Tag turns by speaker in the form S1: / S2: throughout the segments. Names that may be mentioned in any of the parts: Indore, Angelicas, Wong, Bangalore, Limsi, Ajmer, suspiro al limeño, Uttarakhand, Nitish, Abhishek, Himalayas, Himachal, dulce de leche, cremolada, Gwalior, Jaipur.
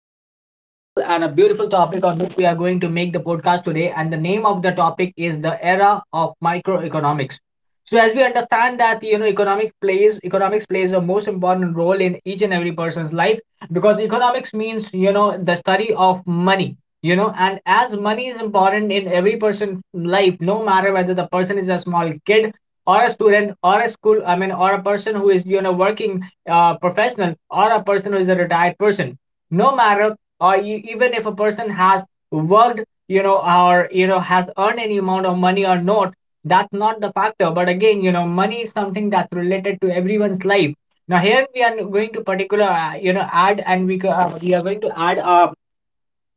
S1: most preferable and a beautiful topic on which we are going to make the podcast today. And the name of the topic is the era of microeconomics. So as we understand that you know economics plays a most important role in each and every person's life because economics means you know the study of money you know, and as money is important in every person's life, no matter whether the person is a small kid or a student or a school I mean or a person who is you know working professional, or a person who is a retired person, no matter, or you, even if a person has worked, you know, or you know has earned any amount of money or not, that's not the factor. But again, you know, money is something that's related to everyone's life. Now here we are going to particular you know add, and we are going to add a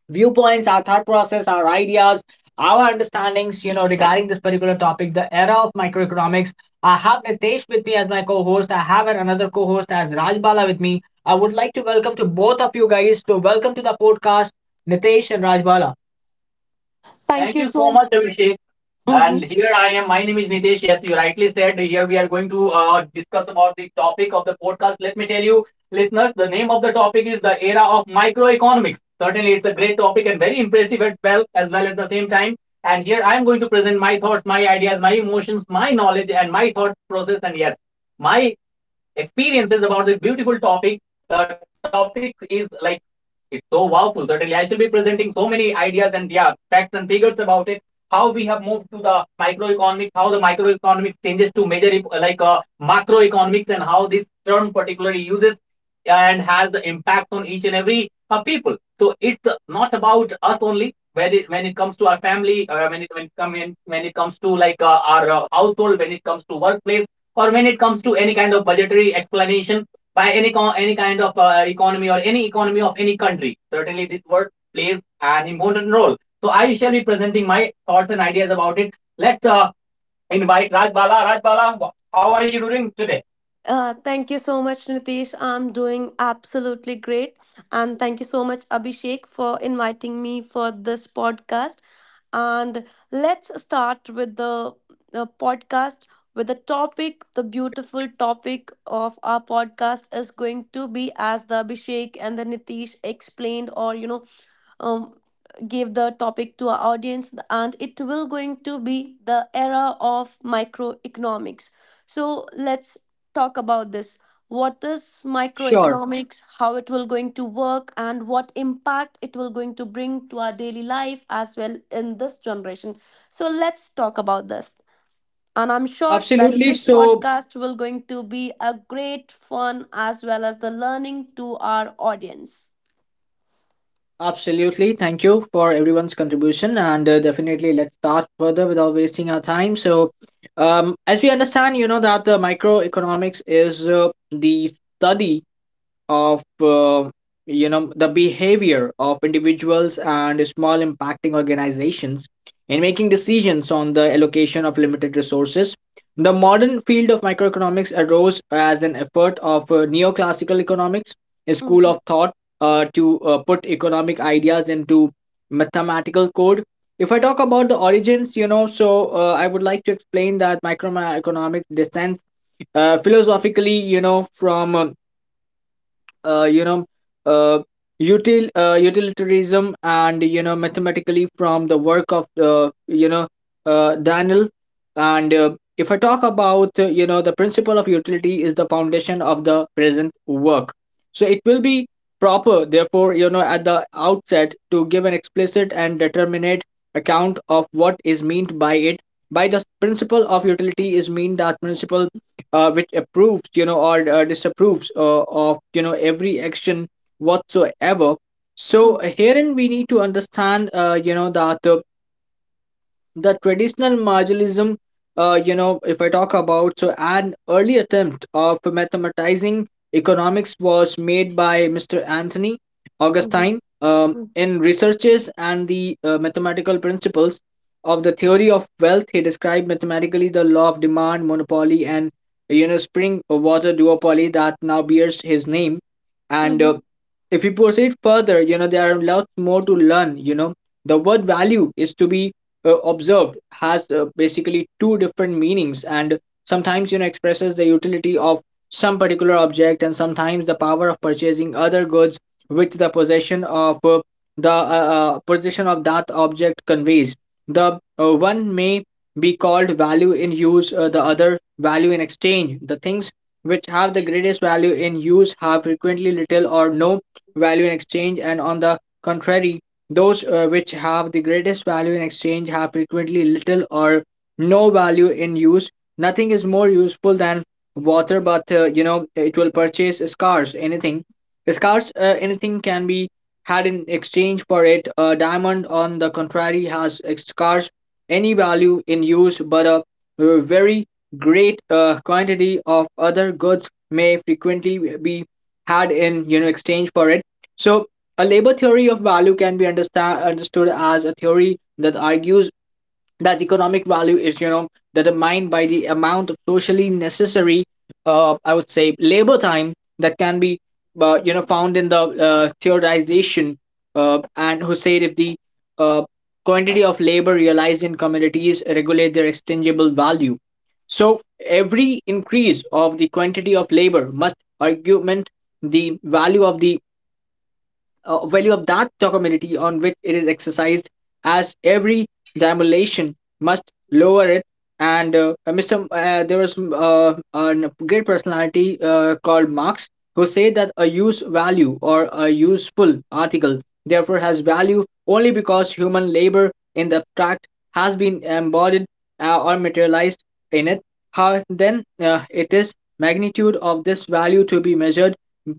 S1: viewpoints, our thought process, our ideas, our understandings, you know, regarding this particular topic, the era of microeconomics. I have Nitesh with me as my co-host. I have another co-host as Rajbala with me. I would like to welcome to both of you guys. So welcome to the podcast, Nitesh and Rajbala.
S2: Thank
S1: Thank
S2: you
S1: you so
S2: so.
S1: much, Abhishek.
S2: Mhm.
S1: And here I am. My name is Nitesh. Yes, you rightly said. Here we are going to discuss about the topic of the podcast. Let me tell you, listeners, the name of the topic is the era of microeconomics. Certainly, it's a great topic and very impressive as well at the same time. And here I am going to present my thoughts, my ideas, my emotions, my knowledge, and my thought process. And yes, my experiences about this beautiful topic. The topic is like it's so powerful. Certainly, I shall be presenting so many ideas and yeah, facts and figures about it. How we have moved to the microeconomics, how the microeconomics changes to major, like macroeconomics, and how this term particularly uses and has the impact on each and every people. So it's not about us only. When it comes to our family, when it, come in, when it comes to like our household, when it comes to workplace, or when it comes to any kind of budgetary explanation by any kind of economy or any economy of any country. Certainly, this word plays an important role. So I shall be presenting my thoughts and ideas about it. Let's invite Rajbala. Rajbala, how are you doing today?
S2: Thank you so much, Nitish. I'm doing absolutely great, and thank you so much, Abhishek, for inviting me for this podcast. And let's start with the podcast with the topic. The beautiful topic of our podcast is going to be, as the Abhishek and the Nitish explained, or um, give the topic to our audience, and it will going to be the era of microeconomics. So let's talk about this. What is
S1: Sure,
S2: microeconomics, how it will going to work, and what impact it will going to bring to our daily life as well in this generation? So let's talk about this, and I'm sure that
S1: absolutely.
S2: this
S1: So,
S2: podcast will going to be a great fun as well as the learning to our audience.
S1: absolutely, thank you for everyone's contribution, and definitely let's start further without wasting our time. So, as we understand, you know, that the microeconomics is the study of you know, the behavior of individuals and small impacting organizations in making decisions on the allocation of limited resources. The modern field of microeconomics arose as an effort of neoclassical economics, a school
S2: Mhm,
S1: of thought, to put economic ideas into mathematical code. If I talk about the origins, you know, so I would like to explain that microeconomics descends philosophically, you know, from uh, you know uh, utilitarianism, and you know mathematically from the work of Daniel. And if I talk about, you know, the principle of utility is the foundation of the present work, so it will be proper, therefore, you know, at the outset to give an explicit and determinate account of what is meant by it. By the principle of utility is mean that principle which approves, you know, or disapproves of you know every action whatsoever. So
S2: mhm,
S1: herein we need to understand you know that the traditional marginalism, you know, if I talk about, so an early attempt of mathematizing economics was made by Mr. Anthony
S2: mhm,
S1: Augustine,
S2: mhm.
S1: in researches and the mathematical principles of the theory of wealth. He described mathematically the law of demand, monopoly, and you know spring water duopoly that now bears his name. And
S2: Mhm,
S1: if we proceed further, you know, there are lots more to learn. You know, the word value is to be observed has basically two different meanings, and sometimes you know expresses the utility of some particular object, and sometimes the power of purchasing other goods which the possession of that object conveys. The one may be called value in use, the other value in exchange. The things which have the greatest value in use have frequently little or no value in exchange, and on the contrary, those which have the greatest value in exchange have frequently little or no value in use. Nothing is more useful than water, but you know, it will purchase scarce anything. Scarce anything can be had in exchange for it. A diamond, on the contrary, has scarce any value in use, but a very great quantity of other goods may frequently be had in you know exchange for it. So, a labor theory of value can be understood as a theory that argues that economic value is, you know, determined by the amount of socially necessary, I would say, labor time that can be, you know, found in the theorization. And who said if the uh, quantity of labor realized in commodities regulate their exchangeable value. So, every increase of the quantity of labor must augment the value of that community on which it is exercised, as every demolition must lower it. And there was a great personality called Marx, who said that a use value or a useful article therefore has value only because human labor in the abstract has been embodied or materialized in it. How then it is magnitude of this value to be measured?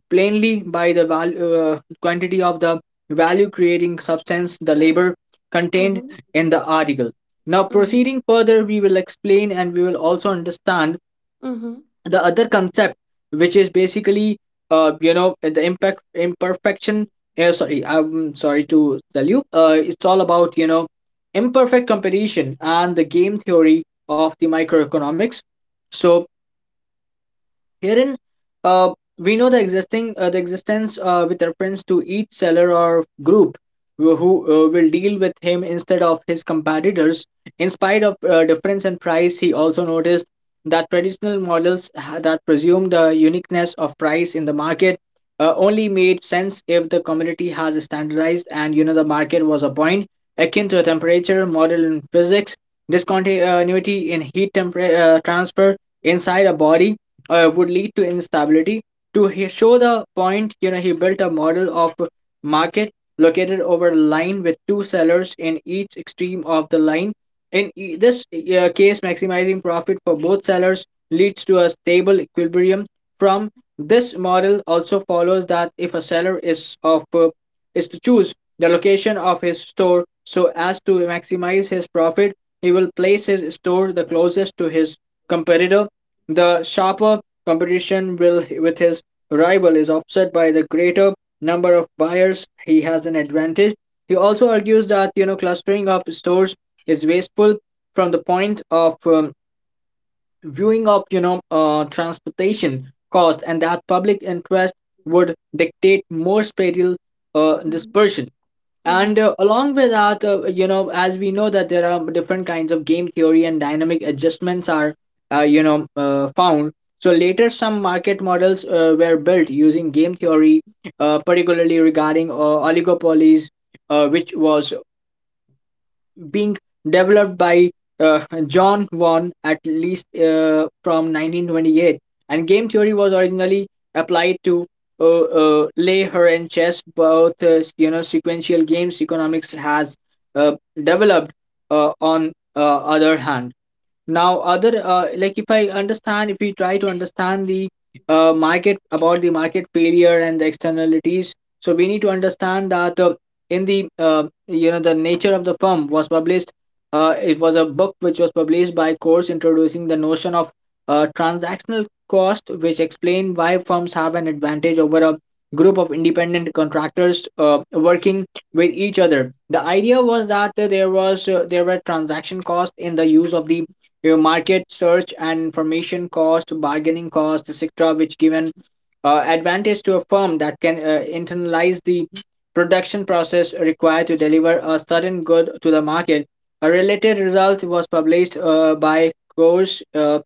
S1: Plainly by the value quantity of the value creating substance, the labor contained
S2: mhm,
S1: in the article. Now,
S2: mhm,
S1: proceeding further, we will explain and we will also understand
S2: mhm,
S1: the other concept, which is basically, you know, the impact imperfection. Eh, sorry, I'm sorry to tell you. It's all about you know imperfect competition and the game theory of the microeconomics. So herein, uh, we know the existence with reference to each seller or group who will deal with him instead of his competitors. In spite of difference in price, he also noticed that traditional models that presume the uniqueness of price in the market only made sense if the community has standardized and you know the market was a point akin to a temperature model in physics. Discontinuity in transfer inside a body would lead to instability. To show the point, you know, he built a model of market located over a line with two sellers in each extreme of the line. In this case, maximizing profit for both sellers leads to a stable equilibrium. From this model, also follows that if a seller is of is to choose the location of his store so as to maximize his profit, he will place his store the closest to his competitor. The sharper competition will, with his rival, is offset by the greater number of buyers he has an advantage. He also argues that you know clustering of stores is wasteful from the point of viewing of you know transportation cost, and that public interest would dictate more spatial
S2: mhm,
S1: dispersion.
S2: mhm,
S1: And along with that, you know, as we know that there are different kinds of game theory and dynamic adjustments are found. So later some market models were built using game theory, particularly regarding oligopolies, which was being developed by uh, John Vaughan at least from 1928. And game theory was originally applied to lay her and chess, both you know sequential games. Economics has uh, developed on other hand now other, like if I understand, if we try to understand the market, about the market failure and the externalities, so we need to understand that in the you know, the nature of the firm was published. It was a book which was published by Coase, introducing the notion of transactional cost, which explained why firms have an advantage over a group of independent contractors working with each other. The idea was that there were transaction costs in the use of the your market search and information cost, bargaining cost, etc., which give an advantage to a firm that can internalize the production process required to deliver a certain good to the market. A related result was published by Coase,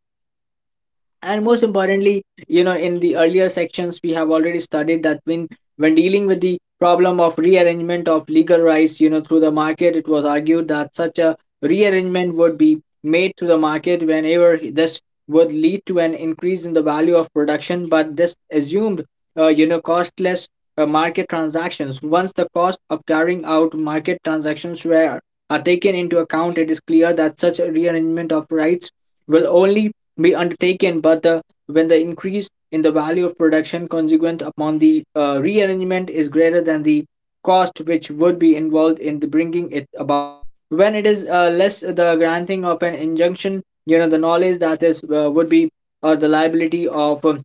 S1: and most
S2: mhm,
S1: importantly, you know, in the earlier sections we have already studied that when dealing with the problem of rearrangement of legal rights, you know, through the market, it was argued that such a rearrangement would be made through the market whenever this would lead to an increase in the value of production, but this assumed you know, costless market transactions. Once the cost of carrying out market transactions were are taken into account, it is clear that such a rearrangement of rights will only be undertaken, but the, when the increase in the value of production consequent upon the rearrangement is greater than the cost which would be involved in the bringing it about. When it is less, the granting of an injunction, you know, the knowledge that is would be, or the liability of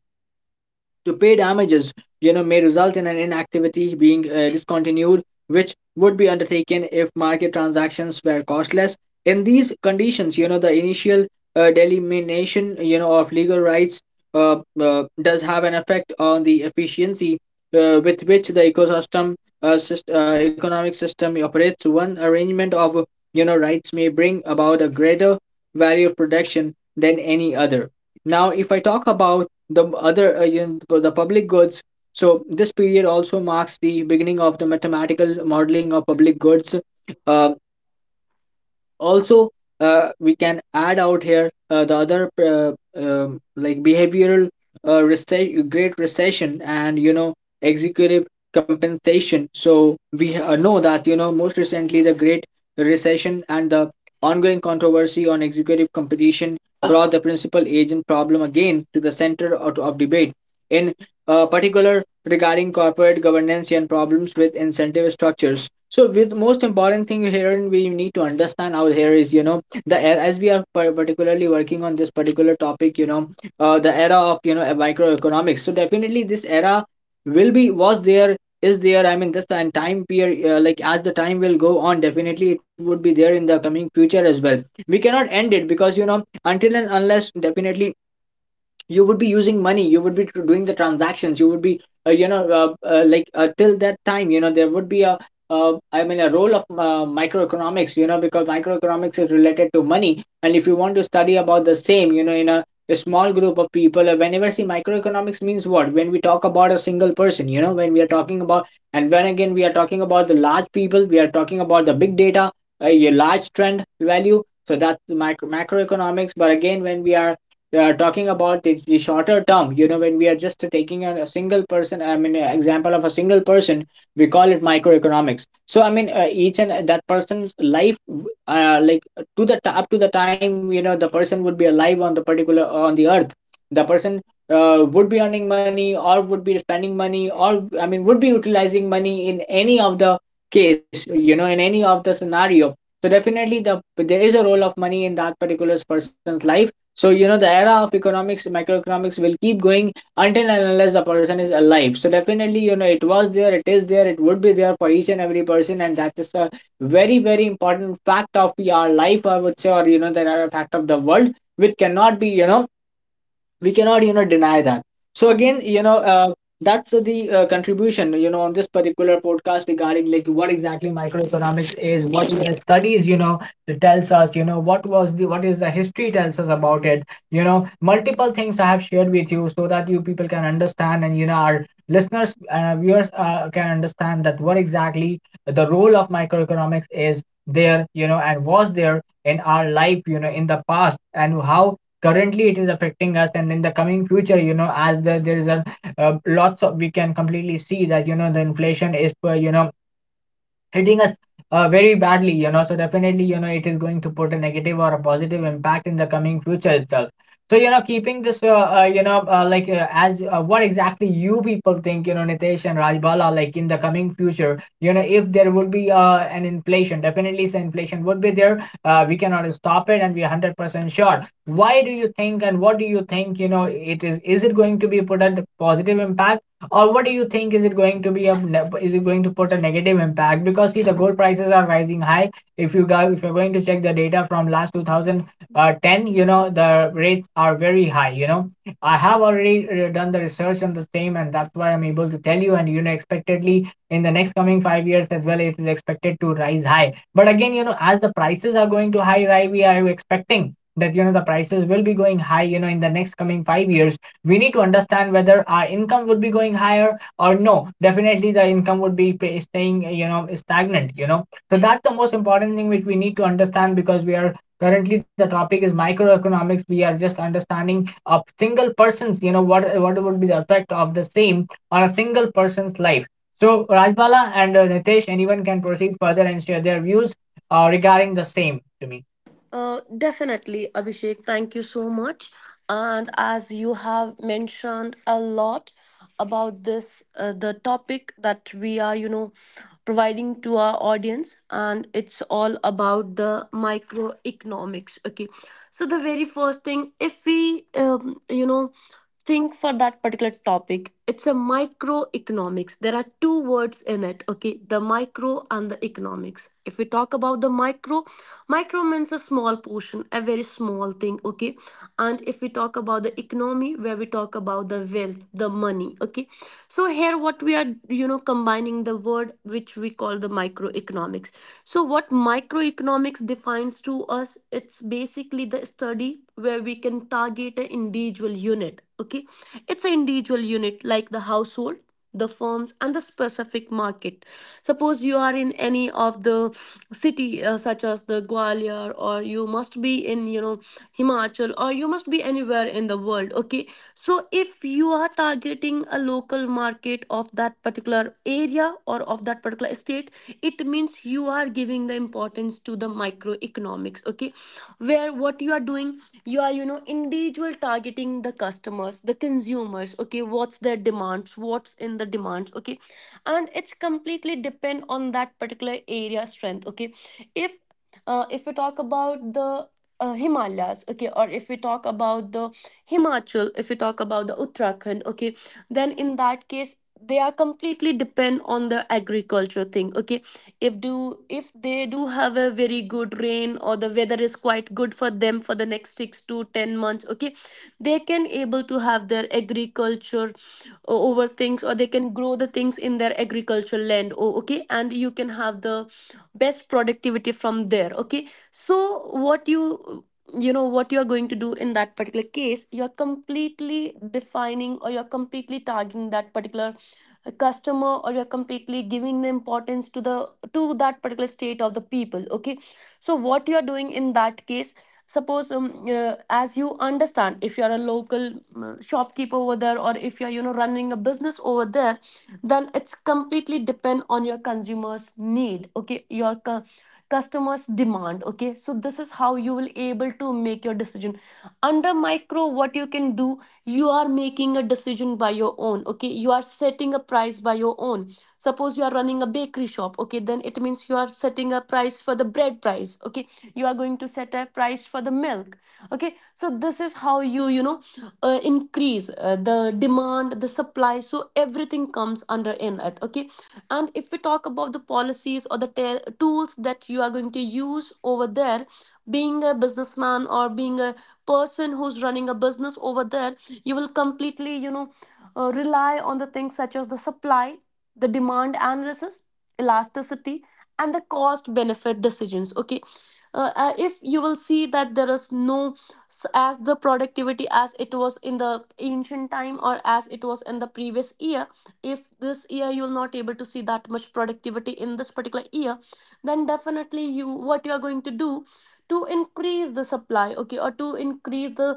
S1: to pay damages, you know, may result in an inactivity being discontinued, which would be undertaken if market transactions were costless. In these conditions, you know, the initial delimitation, you know, of legal rights does have an effect on the efficiency with which the ecosystem economic system operates. One arrangement of, you know, rights may bring about a greater value of protection than any other. Now, if I talk about the other, you know, the public goods, so this period also marks the beginning of the mathematical modeling of public goods. uh, Also, we can add out here the other like behavioral recession, great recession, and you know, executive compensation. So we know that, you know, most recently the great recession and the ongoing controversy on executive competition brought the principal agent problem again to the center of debate in particular regarding corporate governance and problems with incentive structures. So, with most important thing here, and we need to understand out here is, you know, the era, as we are particularly working on this particular topic, you know, the era of, you know, microeconomics. So definitely this era will be, was there, is there. I mean, this and time period like as the time will go on, definitely it would be there in the coming future as well. We cannot end it because, you know, until and unless, definitely you would be using money, you would be doing the transactions, you would be till that time, you know, there would be a I mean a role of microeconomics, you know, because microeconomics is related to money. And if you want to study about the same, you know, in a small group of people, whenever see microeconomics means what, when we talk about a single person, you know, when we are talking about, and when again we are talking about the large people, we are talking about the big data, a large trend value. So that's the micro macroeconomics. But again, when we are, they are talking about the shorter term. You know, when we are just taking a single person, I mean, a example of a single person, we call it microeconomics. So, I mean, each and that person's life, like to up to the time, you know, the person would be alive on the particular on the earth, the person would be earning money or would be spending money, or I mean would be utilizing money in any of the case. You know, in any of the scenario. So definitely the there is a role of money in that particular person's life. So, you know, the era of economics, microeconomics will keep going until and unless the person is alive. So, definitely, you know, it was there, it is there, it would be there for each and every person. And that is a very, very important fact of our life, I would say, or, you know, that are a fact of the world, which cannot be, you know, we cannot, you know, deny that. So again,
S2: mhm.
S1: you know, that's the contribution, you know, on this particular podcast regarding like what exactly microeconomics is, what the studies, you know, tells us, you know, what was the, what is the history tells us about it. You know, multiple things I have shared with you so that you people can understand, and you know, our listeners and viewers can understand that what exactly the role of microeconomics is there, you know, and was there in our life, you know, in the past, and how currently it is affecting us, and in the coming future, you know, as the, there is a lots of, we can completely see that, you know, the inflation is you know, hitting us very badly, you know. So definitely, you know, it is going to put a negative or a positive impact in the coming future itself. So, you know, keeping this you know, like as what exactly you people think, you know, Nitesh and Rajbala, like in the coming future, you know, if there would be an inflation, definitely, so inflation would be there, we cannot stop it, and we're 100% sure. Why do you think, and what do you think, you know, it is it going to be put a positive impact, or what do you think, is it going to be a is it going to put a negative impact? Because see, the gold prices are rising high. If you go, if you're going to check the data from last 2010, you know, the rates are very high, you know. I have already done the research on the same, and that's why I'm able to tell you. And you know, expectedly in the next coming 5 years as well, it is expected to rise high. But again, you know, as the prices are going to high rise, we are expecting that, you know, the prices will be going high, you know, in the next coming 5 years. We need to understand whether our income would be going higher or no. Definitely the income would be staying, you know, stagnant, you know. So that's the most important thing which we need to understand, because we are currently, the topic is microeconomics, we are just understanding a single person's, you know, what would be the effect of the same on a single person's life. So Rajbala and Nitesh, anyone can proceed further and share their views regarding the same to me.
S2: Definitely, Abhishek. Thank you so much. And as you have mentioned a lot about this, the topic that we are, providing to our audience, and it's all about the microeconomics. Okay, so the very first thing, if we, think for that particular topic, it's a microeconomics. There are two words in it. Okay, the micro and the economics. If we talk about the micro, micro means a small portion, a very small thing. Okay, and if we talk about the economy, where we talk about the wealth, the money. Okay, so here what we are, you know, combining the word which we call the microeconomics. So what microeconomics defines to us, it's basically the study where we can target an individual unit. Okay, it's an individual unit like the household, the firms, and the specific market. Suppose you are in any of the city, such as the Gwalior, or you must be in, you know, Himachal, or you must be anywhere in the world. Okay, so if you are targeting a local market of that particular area or of that particular state, it means you are giving the importance to the microeconomics. Okay, where what you are doing, you are, you know, individual targeting the customers, the consumers. Okay, what's their demands, what's in the demands? Okay, and it's completely depend on that particular area strength. Okay, if if we talk about the Himalayas, okay, or if we talk about the Himachal, if we talk about the Uttarakhand, okay, then in that case, they are completely depend on the agriculture thing. Okay, if they do have a very good rain or the weather is quite good for them for the next 6 to 10 months, okay, they can able to have their agriculture over things, or they can grow the things in their agricultural land. Oh, okay, and you can have the best productivity from there. Okay, so what you know, what you are going to do in that particular case, you are completely defining, or you are completely tagging that particular a customer, or you're completely giving the importance to that particular state of the people. Okay, so what you are doing in that case, suppose, as you understand, if you're a local shopkeeper over there, or if you're, you know, running a business over there, then it's completely depend on your consumers need. Okay, your customers demand. Okay, so this is how you will able to make your decision. Under micro, what you can do, you are making a decision by your own. Okay, you are setting a price by your own. Suppose you are running a bakery shop, okay, then it means you are setting a price for the bread price. Okay, you are going to set a price for the milk. Okay, so this is how you, you know, increase the demand, the supply, so everything comes under in it. Okay, and if we talk about the policies or the tools that you are going to use over there, being a businessman or being a person who's running a business over there, you will completely, you know, rely on the things such as the supply, the demand analysis, elasticity, and the cost benefit decisions. Okay, if you will see that there is no as the productivity as it was in the ancient time or as it was in the previous year, if this year you will not able to see that much productivity in this particular year, then definitely you, what you are going to do to increase the supply, okay, or to increase the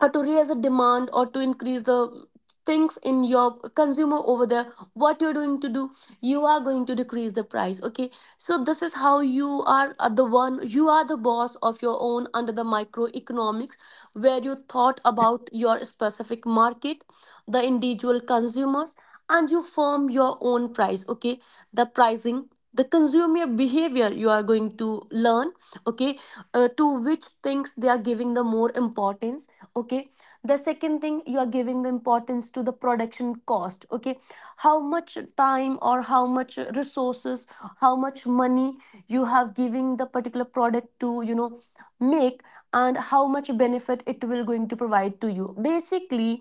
S2: or to raise a demand, or to increase the things in your consumer over there, what you're doing to do, you are going to decrease the price. Okay, so this is how you are, the one, you are the boss of your own under the microeconomics, where you thought about your specific market, the individual consumers, and you form your own price. Okay, the pricing, the consumer behavior you are going to learn. Okay, to which things they are giving the more importance. Okay, the second thing, you are giving the importance to the production cost. Okay, how much time or how much resources, how much money you have giving the particular product to, you know, make, and how much benefit it will going to provide to you. Basically,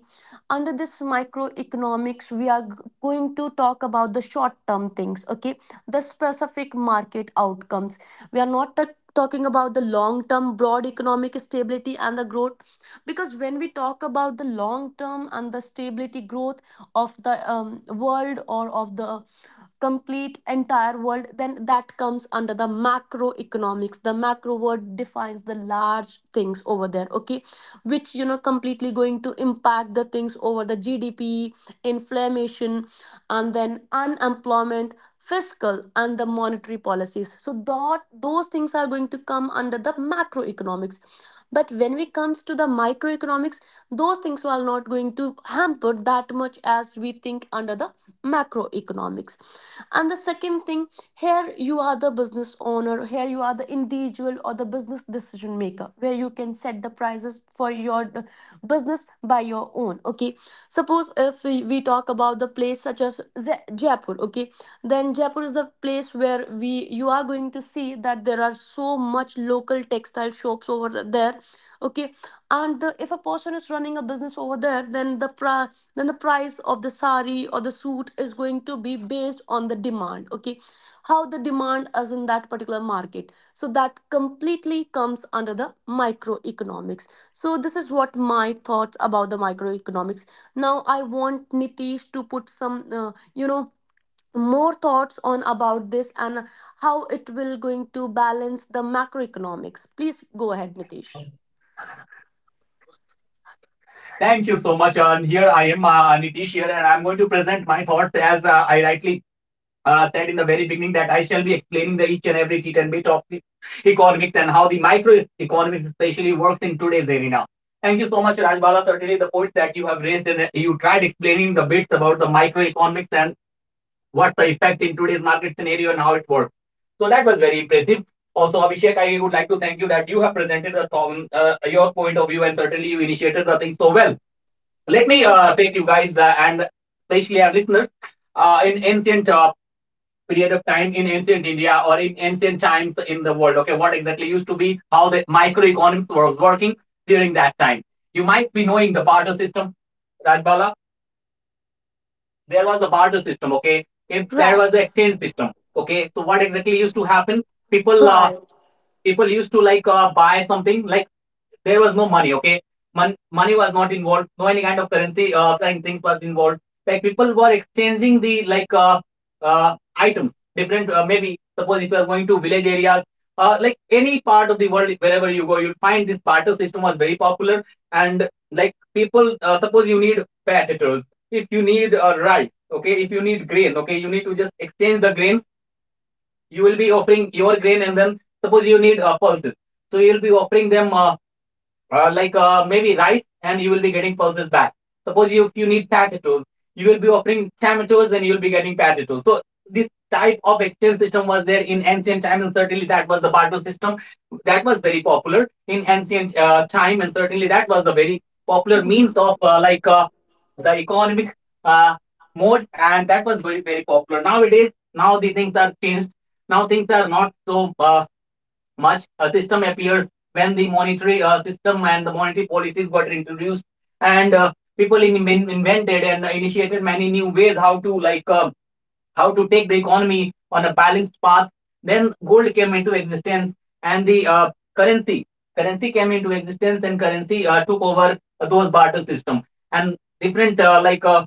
S2: under this microeconomics, we are going to talk about the short term things. Okay, the specific market outcomes, we are not talking about the long term broad economic stability and the growth, because when we talk about the long term and the stability growth of the world or of the complete entire world, then that comes under the macroeconomics. The macro word defines the large things over there. Okay, which, you know, completely going to impact the things over the GDP, inflammation, and then unemployment, fiscal and the monetary policies, so that those things are going to come under the macroeconomics. But when it comes to the microeconomics, those things are not going to hamper that much as we think under the macroeconomics. And the second thing, here you are the business owner, here you are the individual or the business decision maker, where you can set the prices for your business by your own. Okay, suppose if we talk about the place such as Jaipur, okay, then Jaipur is the place where we you are going to see that there are so much local textile shops over there. Okay, and if a person is running a business over there, then the then the price of the sari or the suit is going to be based on the demand. Okay, how the demand is in that particular market, so that completely comes under the microeconomics. So this is what my thoughts about the microeconomics. Now I want Nitish to put some, more thoughts on about this and how it will going to balance the macroeconomics. Please go ahead, Nitish.
S1: Thank you so much. Here I am, Nitish here, and I'm going to present my thoughts as I rightly said in the very beginning that I shall be explaining the each and every tit and bit of the economics and how the microeconomics especially works in today's arena. Thank you so much, Rajbala. Certainly, the points that you have raised and you tried explaining the bits about the microeconomics and what's the effect in today's market scenario and how it works. So that was very impressive. Also, Abhishek, I would like to thank you that you have presented the, your point of view, and certainly you initiated the thing so well. Let me take you guys and especially our listeners in ancient period of time, in ancient India or in ancient times in the world. Okay, what exactly used to be, how the microeconomics was working during that time. You might be knowing the barter system, Rajbala. There was the barter system. Okay, if there
S2: Right.
S1: was the exchange system, okay, so what exactly used to happen? people uh, People used to like buy something like there was no money. Okay, money was not involved, no any kind of currency kind things was involved, like people were exchanging the like items different. Uh, maybe suppose if you are going to village areas, like any part of the world wherever you go, you'll find this barter system was very popular. And like people suppose you need potatoes, if you need a rice, okay, if you need grain, okay, you need to just exchange the grains. You will be offering your grain, and then suppose you need pulses, so you'll be offering them like maybe rice, and you will be getting pulses back. Suppose if you need potatoes, you will be offering tomatoes and you'll be getting potatoes. So this type of exchange system was there in ancient time, and certainly that was the barter system that was very popular in ancient time. And certainly that was the very popular means
S2: Mhm.
S1: of like the economic uh, mode, and that was very very popular. Nowadays, now the things are changed. Now things are not so much. A system appears when the monetary system and the monetary policies got introduced, and people invented and initiated many new ways, how to like how to take the economy on a balanced path. Then gold came into existence, and the currency came into existence, and currency took over those barter system. And different like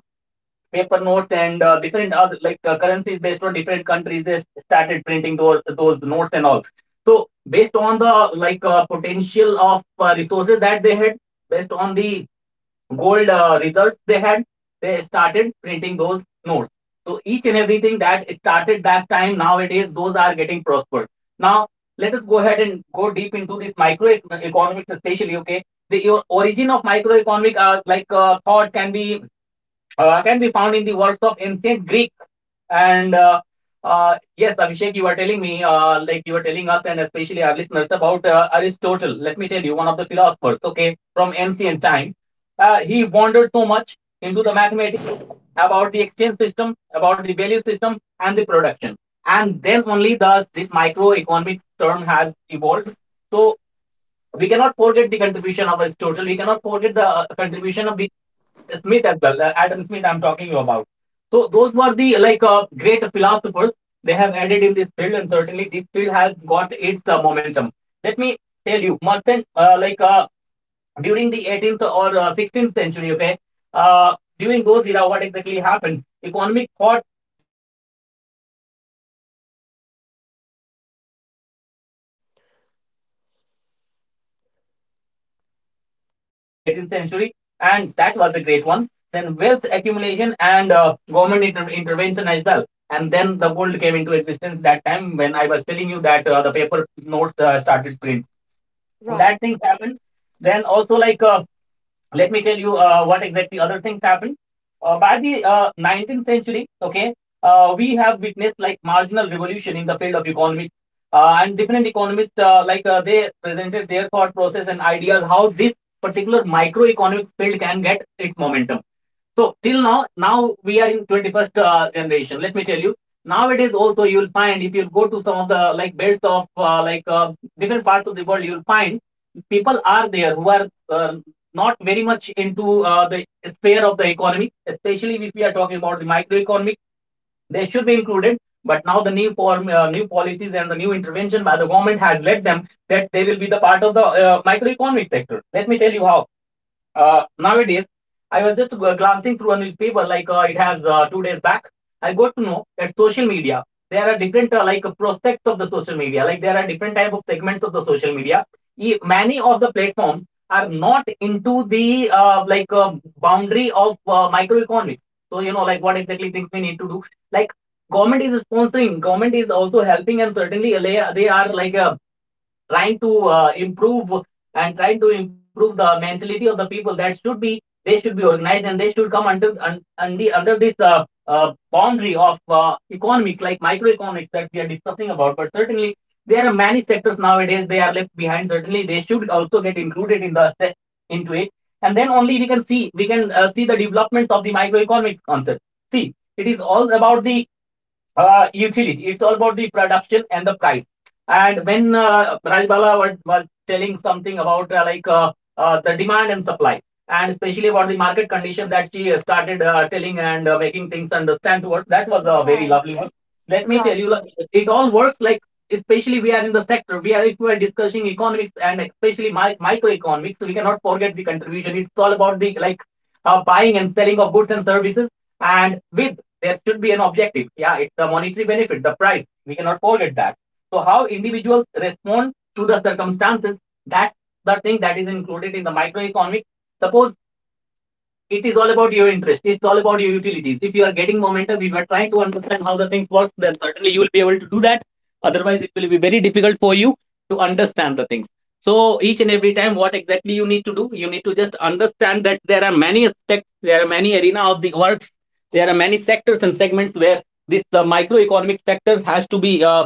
S1: paper notes and different other like currencies based on different countries, they started printing those notes and all. So based on the like potential of resources that they had, based on the gold results they had, they started printing those notes. So each and everything that started that time, nowadays those are getting prospered. Now let us go ahead and go deep into this microeconomics, especially. Okay, the your origin of microeconomic like thought can be found in the works of ancient Greek. And Yes, Abhishek, you were telling me, like you were telling us and especially our listeners about Aristotle. Let me tell you, one of the philosophers, okay, from ancient time. He wandered so much into the mathematics, about the exchange system, about the value system, and the production. And then only thus this microeconomic term has evolved. So we cannot forget the contribution of Aristotle. We cannot forget the contribution of the Smith as well, Adam Smith, I'm talking you about. So those were the like great philosophers. They have added in this field, and certainly this field has got its momentum. Let me tell you, Merchant, like during the 18th or 16th century, okay, during those era, what exactly happened? Economic thought focused on trade, you know, like purchase and sale. This practice came into existence especially in the era of 16th to 18th century, and that was a great one. Then wealth accumulation and government intervention as well. And then the gold came into existence that time, when I was telling you that the paper notes started print. So
S2: Right.
S1: that things happened. Then also like let me tell you what exactly other things happened. By the 19th century, okay, we have witnessed like marginal revolution in the field of economics, and different economists like they presented their thought process and ideas how this particular microeconomic field can get its momentum. So till now, now we are in 21st generation. Let me tell you. Nowadays also you will find, if you go to some of the like belts of like different parts of the world, you will find people are there who are not very much into the sphere of the economy, especially if we are talking about the microeconomic. They should be included, but now the new form, new policies and the new intervention by the government has led them that they will be the part of the microeconomic sector. Let me tell you how. Uh, nowadays, I was just glancing through a newspaper, like it has 2 days back. I got to know that social media, there are different like prospects of the social media. Like there are different type of segments of the social media. Many of the platforms are not into the like boundary of microeconomics. So you know like what exactly things we need to do. Like government is sponsoring. Government is also helping, and certainly they are like trying to improve, and trying to improve the mentality of the people that should be, they should be organized, and they should come under under this boundary of economics like microeconomics that we are discussing about. But certainly there are many sectors nowadays they are left behind. Certainly they should also get included in the into it, and then only we can see, we can see the developments of the microeconomic concept. See, it is all about the utility. It's all about the production and the price. And when Rajbala was telling something about like the demand and supply, and especially about the market condition that she started telling and making things understand towards, that was a very
S2: Right.
S1: lovely one. Let me tell
S2: Right.
S1: you, like, it all works like, especially we are in the sector. We are, if we are discussing economics and especially microeconomics, we cannot forget the contribution. It's all about the like buying and selling of goods and services, and with there should be an objective. Yeah, it's the monetary benefit, the price. We cannot forget that. So how individuals respond to the circumstances, that's the thing that is included in the microeconomics. Suppose it is all about your interest. It's all about your utilities. If you are getting momentum, if you are trying to understand how the things works, then certainly you will be able to do that. Otherwise, it will be very difficult for you to understand the things. So each and every time, what exactly you need to do, you need to just understand that there are many aspects, there are many arena of the works, there are many sectors and segments where this microeconomic factors has to be uh,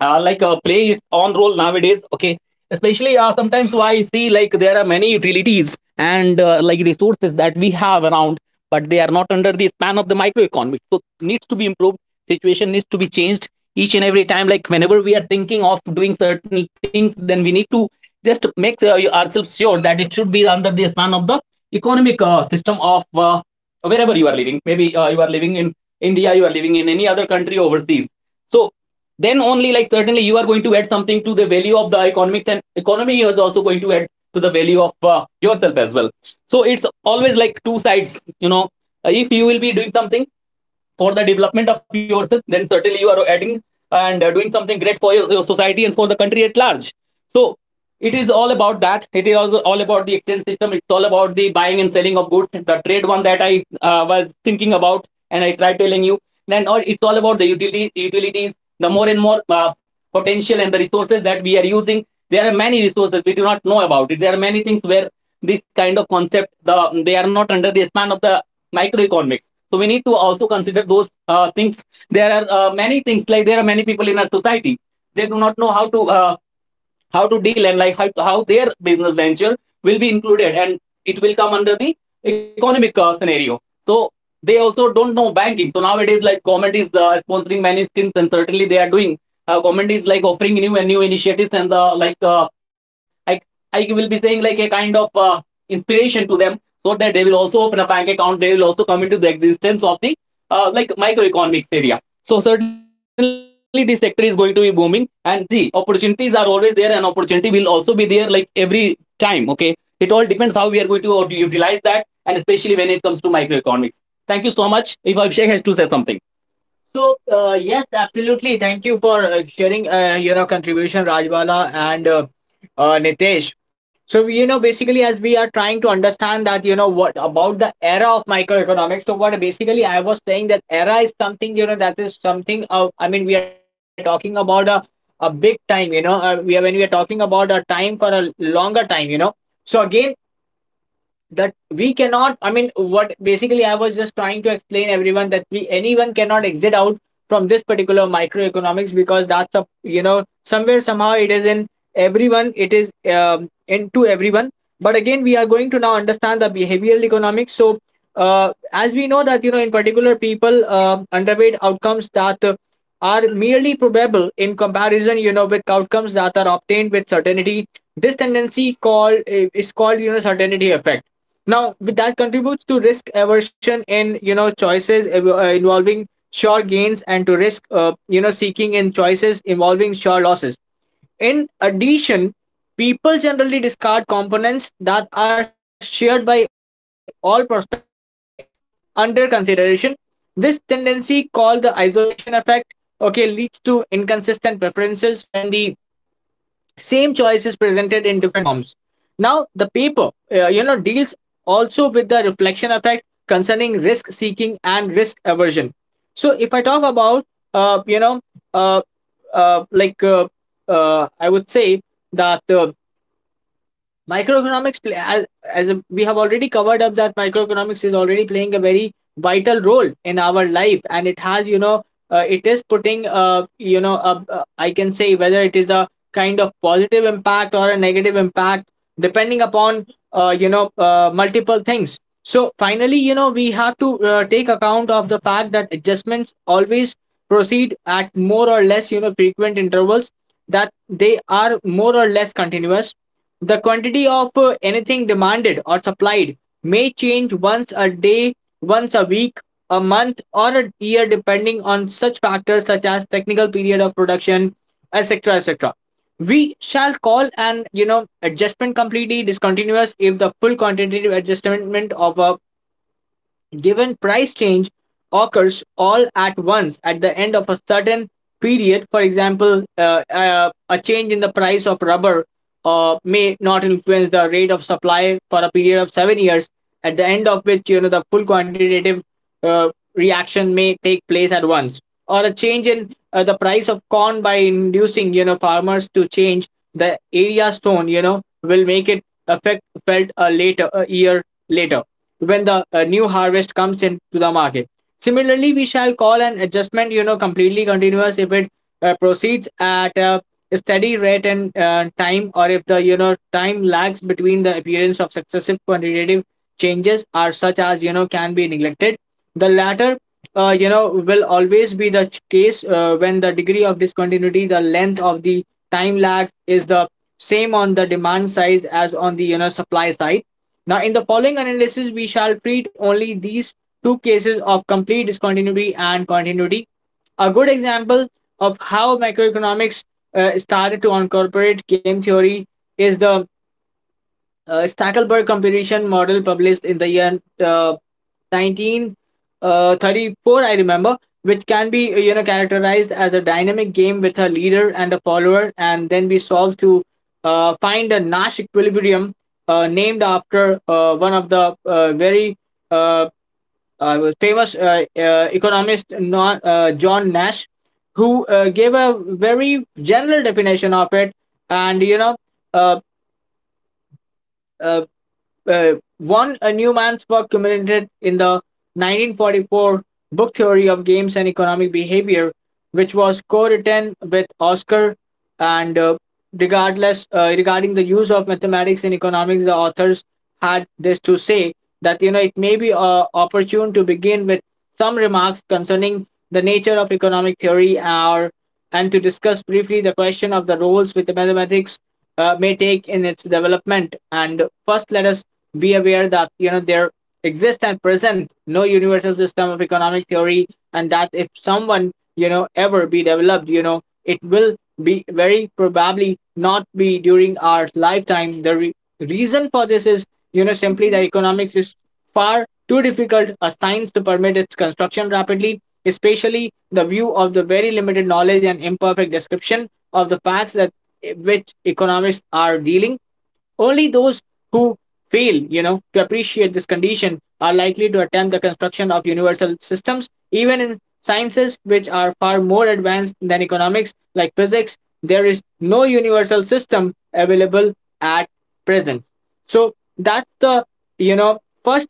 S1: uh, like play its own role nowadays. Okay, especially sometimes I see like there are many utilities and like resources that we have around, but they are not under the span of the microeconomy, so needs to be improved. Situation needs to be changed. Each and every time, like whenever we are thinking of doing certain things, then we need to just make ourselves sure that it should be under the span of the economic system of wherever you are living. Maybe you are living in India, you are living in any other country overseas. So then only, like, certainly you are going to add something to the value of the economics, and economy is also going to add to the value of yourself as well. So it's always like two sides, you know. If you will be doing something for the development of yourself, then certainly you are adding and doing something great for your society and for the country at large. So it is all about that. It is also all about the exchange system. It's all about the buying and selling of goods. The trade one that I was thinking about, and I tried telling you. Then, or it's all about the utility, utilities. The more and more potential and the resources that we are using. There are many resources we do not know about it. There are many things where this kind of concept they are not under the span of the microeconomics, so we need to also consider those things. There are many things, like there are many people in our society. They do not know how to deal, and like how their business venture will be included, and it will come under the economic scenario. So they also don't know banking. So nowadays, like government is sponsoring many schemes, and certainly they are doing. Uh, government is like offering new and new initiatives, and the like I, I will be saying like a kind of inspiration to them, so that they will also open a bank account, they will also come into the existence of the like microeconomics area. So certainly this sector is going to be booming, and the opportunities are always there, and opportunity will also be there like every time. Okay. It all depends how we are going to utilize that, and especially when it comes to microeconomics. Thank you so much. If Abhishek has to say something. So yes, absolutely. Thank you for sharing you know contribution, Rajbala, and Nitesh. So you know, basically, as we are trying to understand that you know what about the era of microeconomics. So what basically I was saying, that era is something, you know, that is something of, I mean, we are talking about a big time, you know, we are, when we are talking about a time for a longer time, you know. So again, that we cannot I mean what basically I was just trying to explain everyone that we anyone cannot exit out from this particular microeconomics because that's a somewhere somehow it is in everyone, it is into everyone. But again, we are going to now understand the behavioral economics. So as we know that in particular, people underweight outcomes that are merely probable in comparison with outcomes that are obtained with certainty. This tendency called is called certainty effect. Now, with that, contributes to risk aversion in choices involving sure gains, and to risk seeking in choices involving sure losses. In addition, people generally discard components that are shared by all prospects under consideration. This tendency called the isolation effect, okay, leads to inconsistent preferences when the same choice is presented in different forms. Now, the paper deals also with the reflection effect concerning risk seeking and risk aversion. So if I talk about uh, you know uh, uh, like uh, I would say that microeconomics play, as we have already covered up, that microeconomics is already playing a very vital role in our life, and it has it is putting I can say, whether it is a kind of positive impact or a negative impact, depending upon multiple things. So finally, we have to take account of the fact that adjustments always proceed at more or less frequent intervals, that they are more or less continuous. The quantity of anything demanded or supplied may change once a day, once a week, a month, or a year, depending on such factors such as technical period of production, etc. etc. We shall call an adjustment completely discontinuous if the full quantitative adjustment of a given price change occurs all at once at the end of a certain period. For example, a change in the price of rubber may not influence the rate of supply for a period of 7 years, at the end of which the full quantitative uh, reaction may take place at once. Or a change in the price of corn, by inducing farmers to change the area sown, will make it affect felt a later a year later, when the new harvest comes in to the market. Similarly, we shall call an adjustment, you know, completely continuous if it proceeds at a steady rate and time, or if the time lags between the appearance of successive quantitative changes are such as can be neglected. The latter, you know, will always be the case when the degree of discontinuity, the length of the time lag, is the same on the demand side as on the supply side. Now, in the following analysis, we shall treat only these two cases of complete discontinuity and continuity. A good example of how macroeconomics started to incorporate game theory is the Stackelberg comparison model published in the year 1934, I remember, which can be characterized as a dynamic game with a leader and a follower, and then we solve to find a Nash equilibrium named after one of the very uh, famous economist, John Nash, who gave a very general definition of it, and you know. Uh, uh, one a Newman's work culminated in the 1944 book Theory of Games and Economic Behavior, which was co-written with Oscar. And regarding the use of mathematics in economics, the authors had this to say, that it may be opportune to begin with some remarks concerning the nature of economic theory, or and to discuss briefly the question of the roles which the mathematics may take in its development. And first, let us be aware that there exists and present no universal system of economic theory, and that if someone ever be developed, it will be very probably not be during our lifetime. The reason for this is, simply, that
S2: Mhm.
S1: economics is far too difficult a science to permit its construction rapidly, especially the view of the very limited knowledge and imperfect description of the facts that which economists are dealing. Only those who fail, to appreciate this condition are likely to attempt the construction of universal systems. Even in sciences which are far more advanced than economics, like physics, there is no universal system available at present. So that's the, first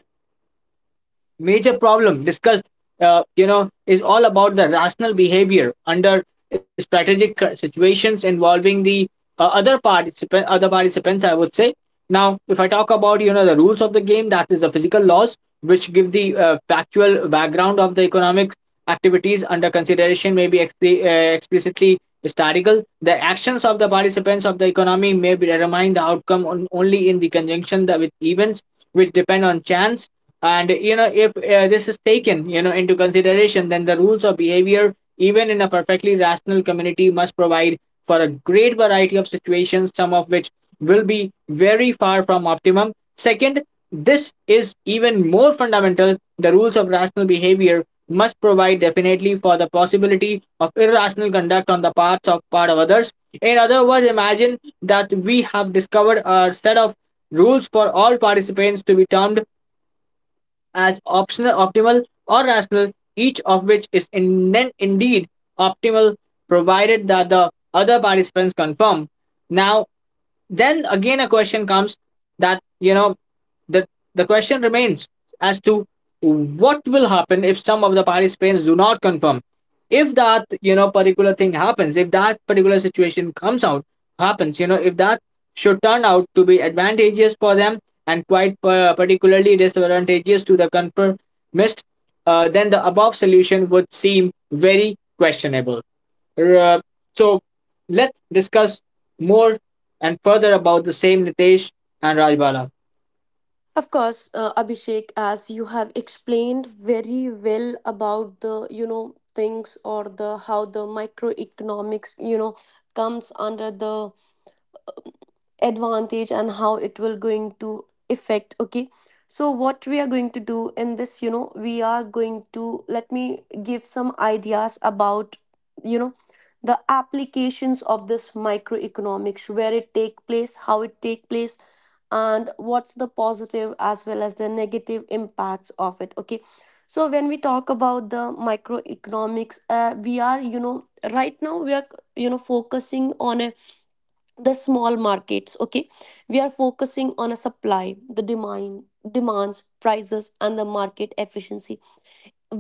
S1: major problem discussed, is all about the rational behavior under strategic situations involving the other participants, I would say. Now, if I talk about, the rules of the game, that is the physical laws which give the factual background of the economic activities under consideration, may be explicitly statical. The actions of the participants of the economy may determine the outcome only in the conjunction with events which depend on chance. And if this is taken, into consideration, then the rules of behavior even in a perfectly rational community must provide for a great variety of situations, some of which will be very far from optimum. Second, this is even more fundamental: the rules of rational behavior must provide definitely for the possibility of irrational conduct on the part of others. In other words, imagine that we have discovered a set of rules for all participants to be termed as optional, optimal, or rational, each of which is in, then indeed optimal, provided that the other participants confirm. Now, then again a question comes, that the the question remains as to what will happen if some of the participants do not confirm. If that, particular thing happens, if that particular situation comes out happens, if that should turn out to be advantageous for them and quite particularly disadvantageous to the confirmist, then the above solution would seem very questionable. R- so let's discuss more and further about the same, Nitesh and Rajbala.
S2: Of course, Abhishek, as you have explained very well about the, you know, things or the how the microeconomics, you know, comes under the advantage and how it will going to affect. Okay, so what we are going to do in this, you know, we are going to, let me give some ideas about, you know, the applications of this microeconomics, where it take place, how it take place, and what's the positive as well as the negative impacts of it. Okay, so when we talk about the microeconomics, we are, you know, right now we are, you know, focusing on a the small markets. Okay, we are focusing on a supply, the demand, demands prices, and the market efficiency,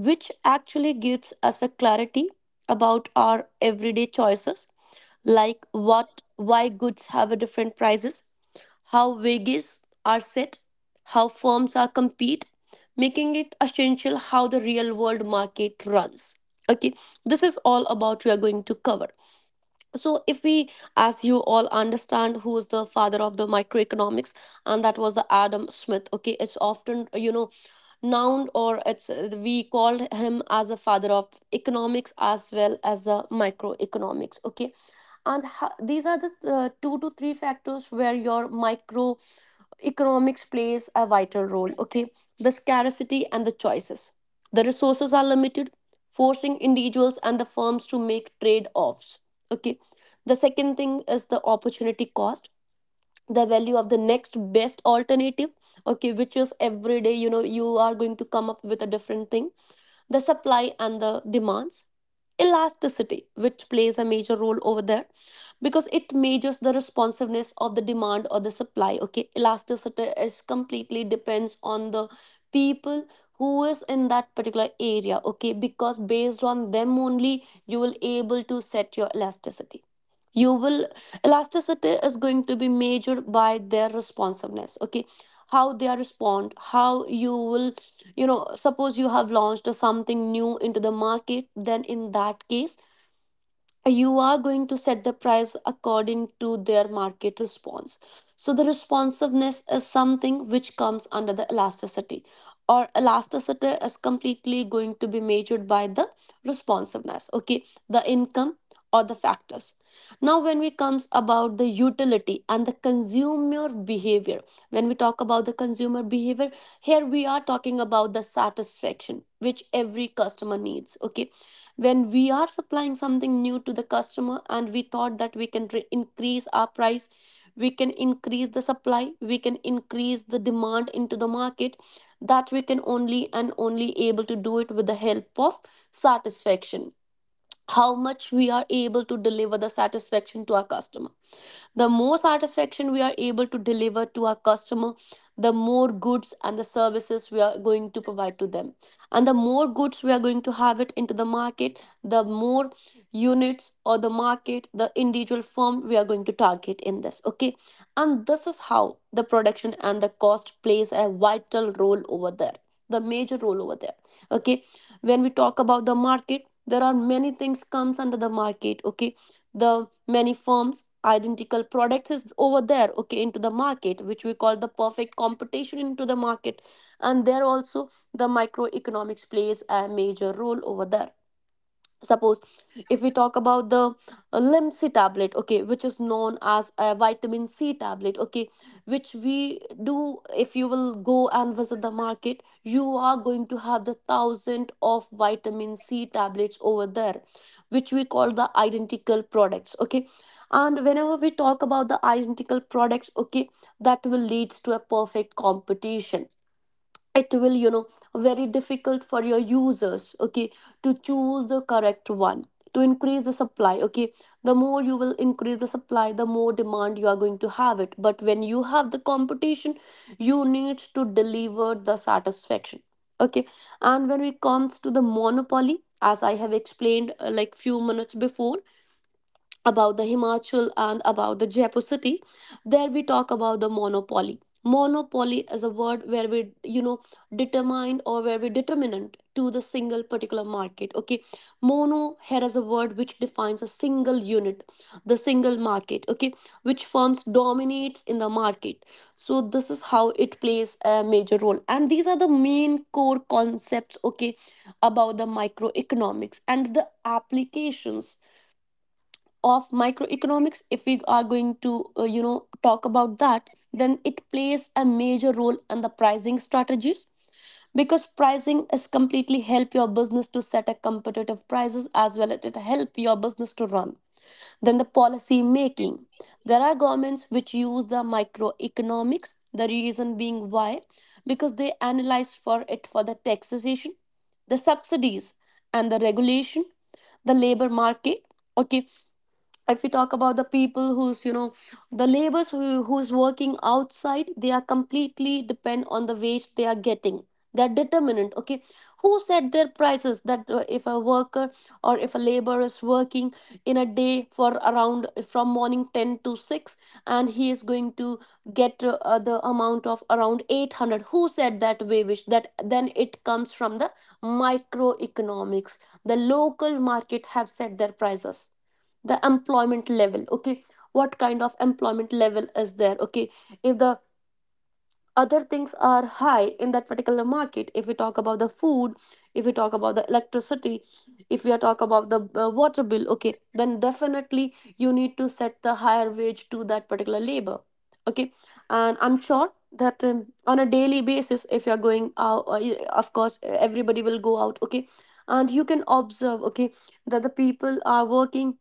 S2: which actually gives us a clarity about our everyday choices, like what why goods have a different prices, how wages are set, how firms are compete, making it essential how the real world market runs. Okay, this is all about we are going to cover. So if we, as you all understand, who is the father of the microeconomics, and that was the Adam Smith. Okay, it's often, you know, noun, or it's, we called him as a father of economics as well as the microeconomics. Okay, and these are the two to three factors where your micro economics plays a vital role. Okay, the scarcity and the choices, the resources are limited, forcing individuals and the firms to make trade offs. Okay, the second thing is the opportunity cost, the value of the next best alternative, okay, which is every day, you know, you are going to come up with a different thing. The supply and the demands elasticity, which plays a major role over there, because it measures the responsiveness of the demand or the supply. Okay, elasticity is completely depends on the people who is in that particular area. Okay, Because based on them only you will able to set your elasticity. You will Elasticity is going to be measured by their responsiveness. Okay, how they are respond. How you will you know Suppose you have launched something new into the market, then in that case you are going to set the price according to their market response. So, the responsiveness is something which comes under the elasticity, or elasticity is completely going to be measured by the responsiveness, okay, the income or the factors. Now, when we comes about the utility and the consumer behavior, when we talk about the consumer behavior, here we are talking about the satisfaction which every customer needs. Okay, when we are supplying something new to the customer and we thought that we can increase our price, we can increase the supply, we can increase the demand into the market, that we can only and only able to do it with the help of satisfaction. How much we are able to deliver the satisfaction to our customer, the more satisfaction we are able to deliver to our customer, the more goods and the services we are going to provide to them. And the more goods we are going to have it into the market, the more units or the market, the individual firm we are going to target in this. Okay. And this is how the production and the cost plays a vital role over there, the major role over there. Okay. When we talk about the market, there are many things comes under the market. Okay, the many firms identical products is over there, okay, into the market, which we call the perfect competition into the market. And there also the microeconomics plays a major role over there. Suppose if we talk about the limsi tablet, okay, which is known as a vitamin c tablet, okay, which we do. If you will go and visit the market, you are going to have the thousand of vitamin c tablets over there, which we call the identical products. Okay, and whenever we talk about the identical products, okay, that will leads to a perfect competition. It will, you know, very difficult for your users, okay, to choose the correct one, to increase the supply. Okay, the more you will increase the supply, the more demand you are going to have it. But when you have the competition, you need to deliver the satisfaction. Okay, and when it comes to the monopoly, as I have explained, like few minutes before, about the Himachal and about the Jaipur city. There we talk about the monopoly. Monopoly is a word where we, you know, determine or where we determinant to the single particular market. Okay, mono here is a word which defines a single unit, the single market. Okay, which firms dominates in the market. So this is how it plays a major role, and these are the main core concepts. Okay, about the microeconomics and the applications of microeconomics, if we are going to you know, talk about that, then it plays a major role in the pricing strategies, because pricing is completely help your business to set a competitive prices as well as it help your business to run. Then the policy making. There are governments which use the microeconomics. The reason being why? Because they analyze for it, for the taxation, the subsidies, and the regulation. The labor market. Okay, if we talk about the people who's, you know, the laborers who, who's working outside, they are completely depend on the wage they are getting. They're determinant. Okay, who set their prices? That if a worker or if a laborer is working in a day for around from morning 10 to 6, and he is going to get the amount of around 800, who said that wage? That then it comes from the microeconomics, the local market have set their prices. The employment level. Okay, what kind of employment level is there? Okay, if the other things are high in that particular market, if we talk about the food, if we talk about the electricity, if we are talk about the water bill, okay, then definitely you need to set the higher wage to that particular labor. Okay, and I'm sure that on a daily basis, if you're going out, of course everybody will go out. Okay, and you can observe, okay, that the people are working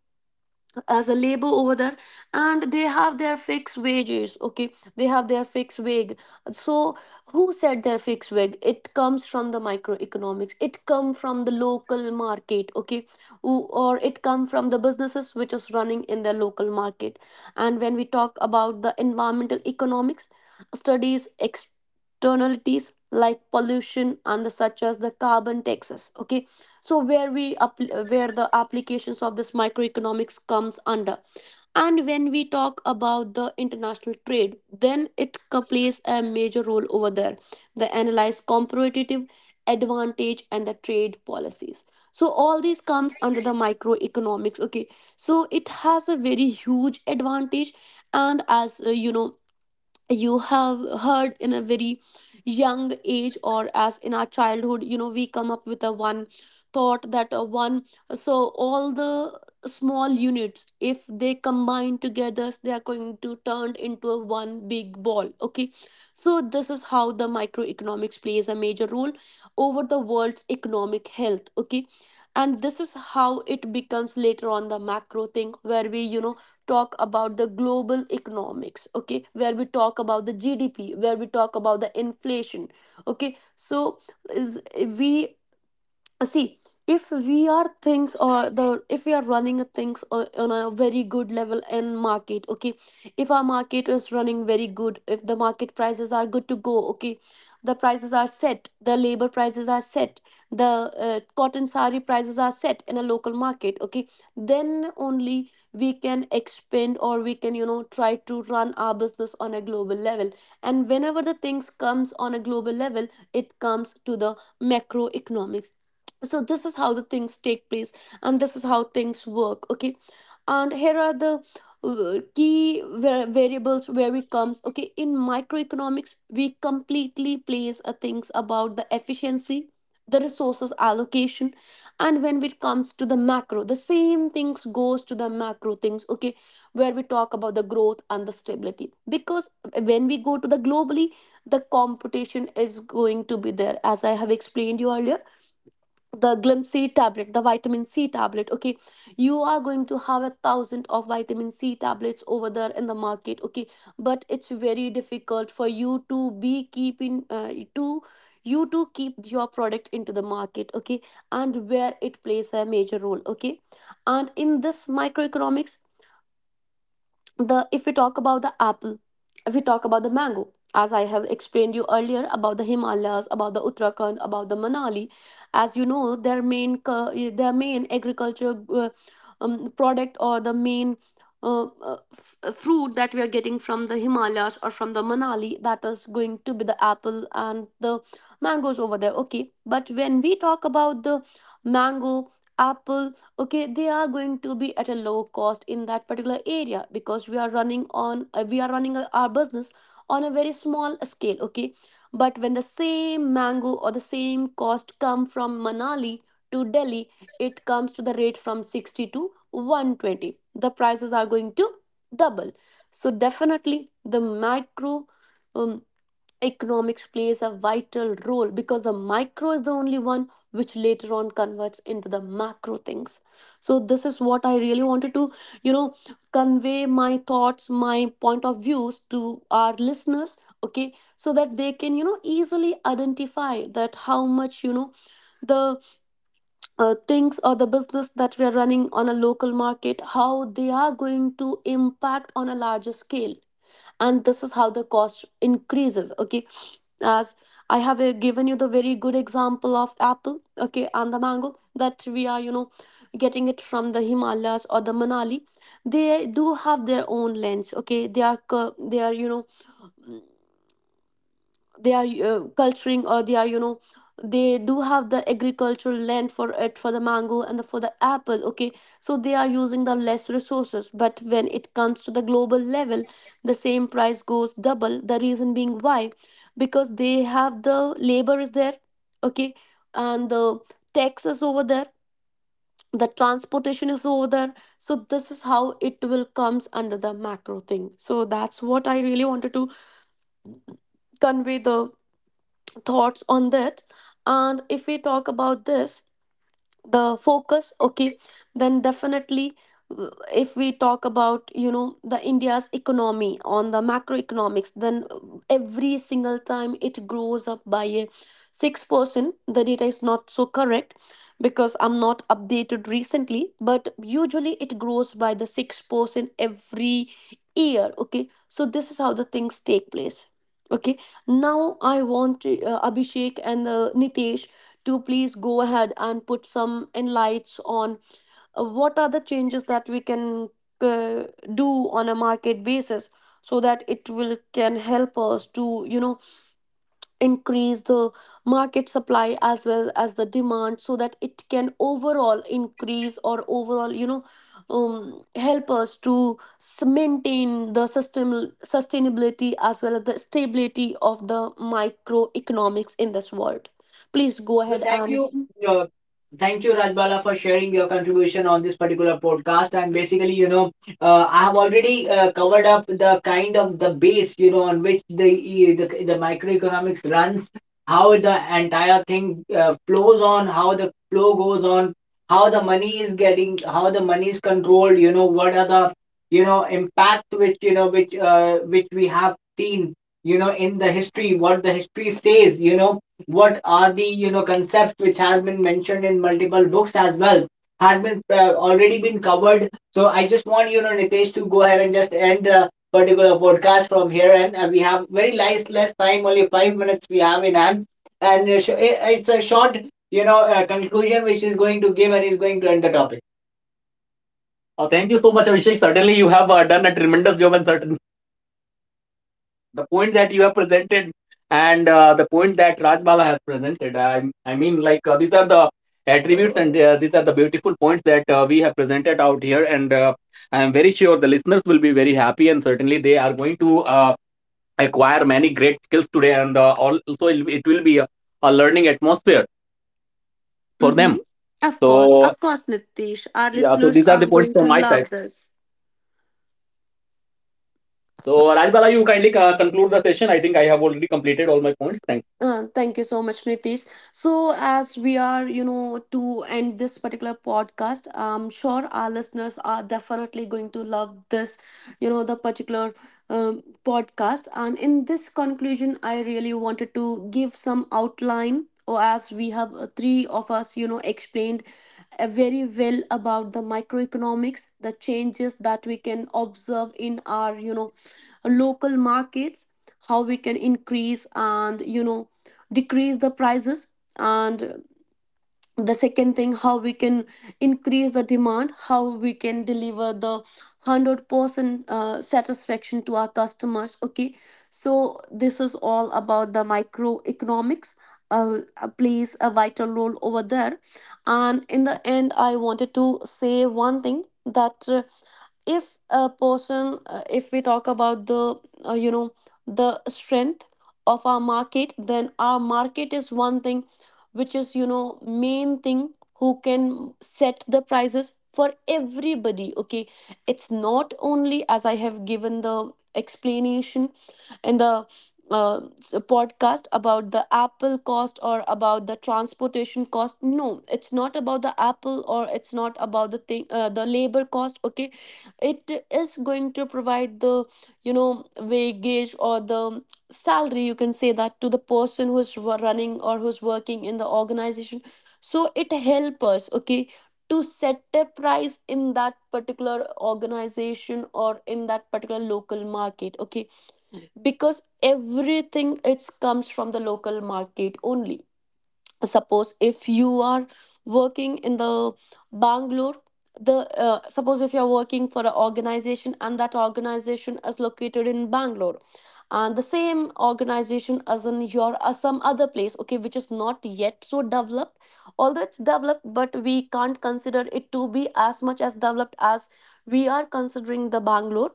S2: as a labor over there, and they have their fixed wages. Okay, they have their fixed wage. So who set their fixed wage? It comes from the microeconomics, it come from the local market. Okay, or it come from the businesses which is running in their local market. And when we talk about the environmental economics, studies externalities like pollution and the such as the carbon taxes. Okay, so where we up where the applications of this microeconomics comes under. And when we talk about the international trade, then it plays a major role over there. They analyze competitive advantage and the trade policies. So all these comes under the microeconomics. Okay, so it has a very huge advantage. And as you know, you have heard in a very young age or as in our childhood, you know, we come up with a one thought that a one, so all the small units if they combine together, they are going to turn into a one big ball. Okay, so this is how the microeconomics plays a major role over the world's economic health. Okay, and this is how it becomes later on the macro thing, where we, you know, talk about the global economics. Okay, where we talk about the GDP, where we talk about the inflation. Okay so is we see If we are things, or the if we are running a things on a very good level in market, okay, if our market is running very good, if the market prices are good to go, okay, the prices are set, the labor prices are set, the cotton sari prices are set in a local market, okay, then only we can expand or we can, you know, try to run our business on a global level. And whenever the things comes on a global level, it comes to the macroeconomics. So this is how the things take place, and this is how things work. Okay, and here are the key variables where it comes. Okay, in microeconomics we completely place a things about the efficiency, the resources allocation. And when it comes to the macro, the same things goes to the macro things. Okay, where we talk about the growth and the stability. Because when we go to the globally, the competition is going to be there. As I have explained you earlier, the glim c tablet, the vitamin c tablet, okay, you are going to have a thousand of vitamin c tablets over there in the market. Okay, but it's very difficult for you to be keeping, to you to keep your product into the market. Okay, and where it plays a major role. Okay, and in this microeconomics, the if we talk about the apple, if we talk about the mango, as I have explained you earlier about the himalayas, about the uttarakhand, about the manali. As you know, their main their main agriculture product, or the main fruit that we are getting from the himalayas or from the manali, that is going to be the apple and the mangoes over there. Okay, but when we talk about the mango, apple, okay, they are going to be at a low cost in that particular area because we are running on we are running our business on a very small scale. Okay, but when the same mango or the same cost come from manali to delhi, it comes to the rate from 60 to 120. The prices are going to double. So definitely the micro economics plays a vital role, because the micro is the only one which later on converts into the macro things. So this is what I really wanted to, you know, convey my thoughts, my point of views to our listeners. Okay, so that they can, you know, easily identify that how much, you know, the things or the business that we are running on a local market, how they are going to impact on a larger scale. And this is how the cost increases. Okay, as I have given you the very good example of apple, okay, and the mango that we are, you know, getting it from the himalayas or the manali. They do have their own lands. Okay, they are they are, you know, they are culturing, or they are, you know, they do have The agricultural land for it for the mango for the apple. Okay, so they are using the less resources, but when it comes to the global level, the same price goes double. The reason being why? Because they have the labor is there. Okay. And the tax is over there, the transportation is over there. So this is how it will comes under the macro thing. So that's what I really wanted to convey, the thoughts on that. And if we talk about this, the focus, okay, then definitely, if we talk about, you know, the India's economy on the macroeconomics, then every single time it grows up by a 6%. The data is not so correct because I'm not updated recently, but usually it grows by the 6% every year. Okay, so this is how the things take place. Okay, now I want to, Abhishek and Nitesh to please go ahead and put some enlights on what are the changes that we can uh, do on a market basis, so that it will can help us to, you know, increase the market supply as well as the demand, so that it can overall increase or overall, you know, help us to maintain the system sustainability as well as the stability of the microeconomics in this world. Please go
S1: Well,
S2: ahead
S1: thank
S2: and
S1: you. Uh, thank you, Rajbala, for sharing your contribution on this particular podcast. And basically, you know, I have already covered up the kind of the base, you know, on which the microeconomics runs, how the entire thing flows on, how the flow goes on, how the money is getting, how the money is controlled. You know, what are the, impact which which we have seen, you know, in the history, what the history says, you know, what are the, concepts which has been mentioned in multiple books as well, has been already been covered. So I just want, you know, Nitesh to go ahead and just end the particular podcast from here. And we have very less time, only 5 minutes we have in hand. And it's a short, you know, conclusion which is going to give and is going to end the topic. Thank you so much, Abhishek. Certainly, you have done a tremendous job, and certain the point that you have presented and the point that Rajbala has presented. I mean, like, these are the attributes, and these are the beautiful points that we have presented out here. And I am very sure the listeners will be very happy, and certainly they are going to acquire many great skills today. And also, it will be a learning atmosphere for
S2: Mm-hmm.
S1: them. So,
S2: Of course, Nitish. Our
S1: yeah, so
S2: listeners
S1: these are
S2: are
S1: the points
S2: going to
S1: from my side.
S2: love this.
S1: So, Rajbala, you kindly conclude the session. I think I have already completed all my points. Thank
S2: Thank you so much, Nitish. So, as we are, you know, to end this particular podcast, I'm sure our listeners are definitely going to love this, you know, the particular podcast. And in this conclusion, I really wanted to give some outline, or as we have, three of us, you know, explained very well about the microeconomics, the changes that we can observe in our, you know, local markets, how we can increase and, you know, decrease the prices, and the second thing, how we can increase the demand, how we can deliver the 100% satisfaction to our customers. Okay, so this is all about the microeconomics, plays a vital role over there. And in the end, I wanted to say one thing, that if a person, if we talk about the you know, the strength of our market, then our market is one thing which is, you know, main thing, who can set the prices for everybody. Okay, it's not only, as I have given the explanation in the podcast about the apple cost or about the transportation cost. No, it's not about the apple, or it's not about the thing, the labor cost. Okay, it is going to provide the, you know, wage or the salary, you can say, that to the person who's running or who's working in the organization. So it help us, okay, to set a price in that particular organization or in that particular local market. Okay, because everything it comes from the local market only. Suppose if you are working in the Bangalore, the suppose if you are working for an organization and that organization is located in Bangalore, and the same organization as in your some other place, okay, which is not yet so developed. Although it's developed, but we can't consider it to be as much as developed as we are considering the Bangalore.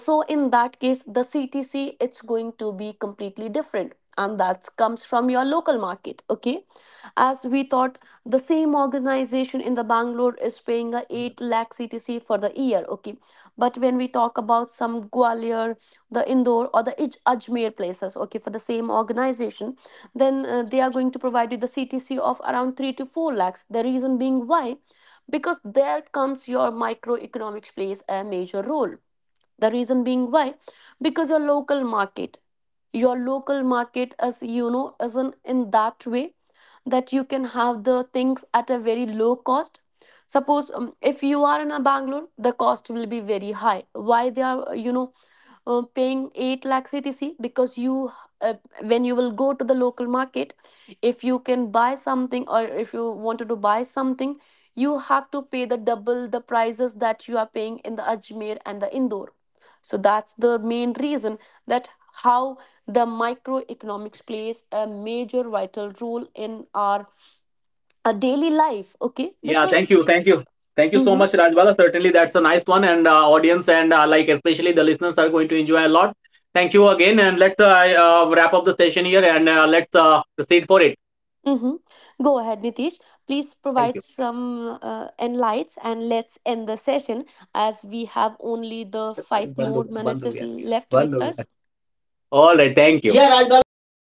S2: So in that case, the CTC, it's going to be completely different, and that comes from your local market. Okay, as we thought, the same organization in the Bangalore is paying a 8 lakh CTC for the year. Okay, but when we talk about some Gwalior, the Indore, or the Ajmer places, okay, for the same organization, then they are going to provide you the CTC of around 3 to 4 lakhs. The reason being why? Because there comes your microeconomics plays a major role. The reason being why? Because your local market, your local market, as you know, isn't in that way that you can have the things at a very low cost. Suppose if you are in a Bangalore, the cost will be very high. Why they are, you know, paying 8 lakh CTC? Because you, uh, when you will go to the local market, if you can buy something or if you wanted to buy something, you have to pay the double the prices that you are paying in the Ajmer and the Indore. So that's the main reason, that how the microeconomics plays a major vital role in our daily life. Okay,
S1: Yeah,
S2: because
S1: thank you, thank you, thank you so
S2: Mhm.
S1: much, Rajbala. Certainly, that's a nice one, and audience, and like especially the listeners are going to enjoy a lot. Thank you again, and let's wrap up the session here, and let's proceed for it.
S2: Mm-hmm. Go ahead, Nitish. Please
S1: Thank
S2: provide
S1: you.
S2: some enlights and let's end the session, as we have only the five
S1: Bandu,
S2: more minutes
S1: bandu,
S2: is
S1: yeah.
S2: left with
S1: Bandu.
S2: us.
S1: All right, thank you. Yeah, Rajbala. So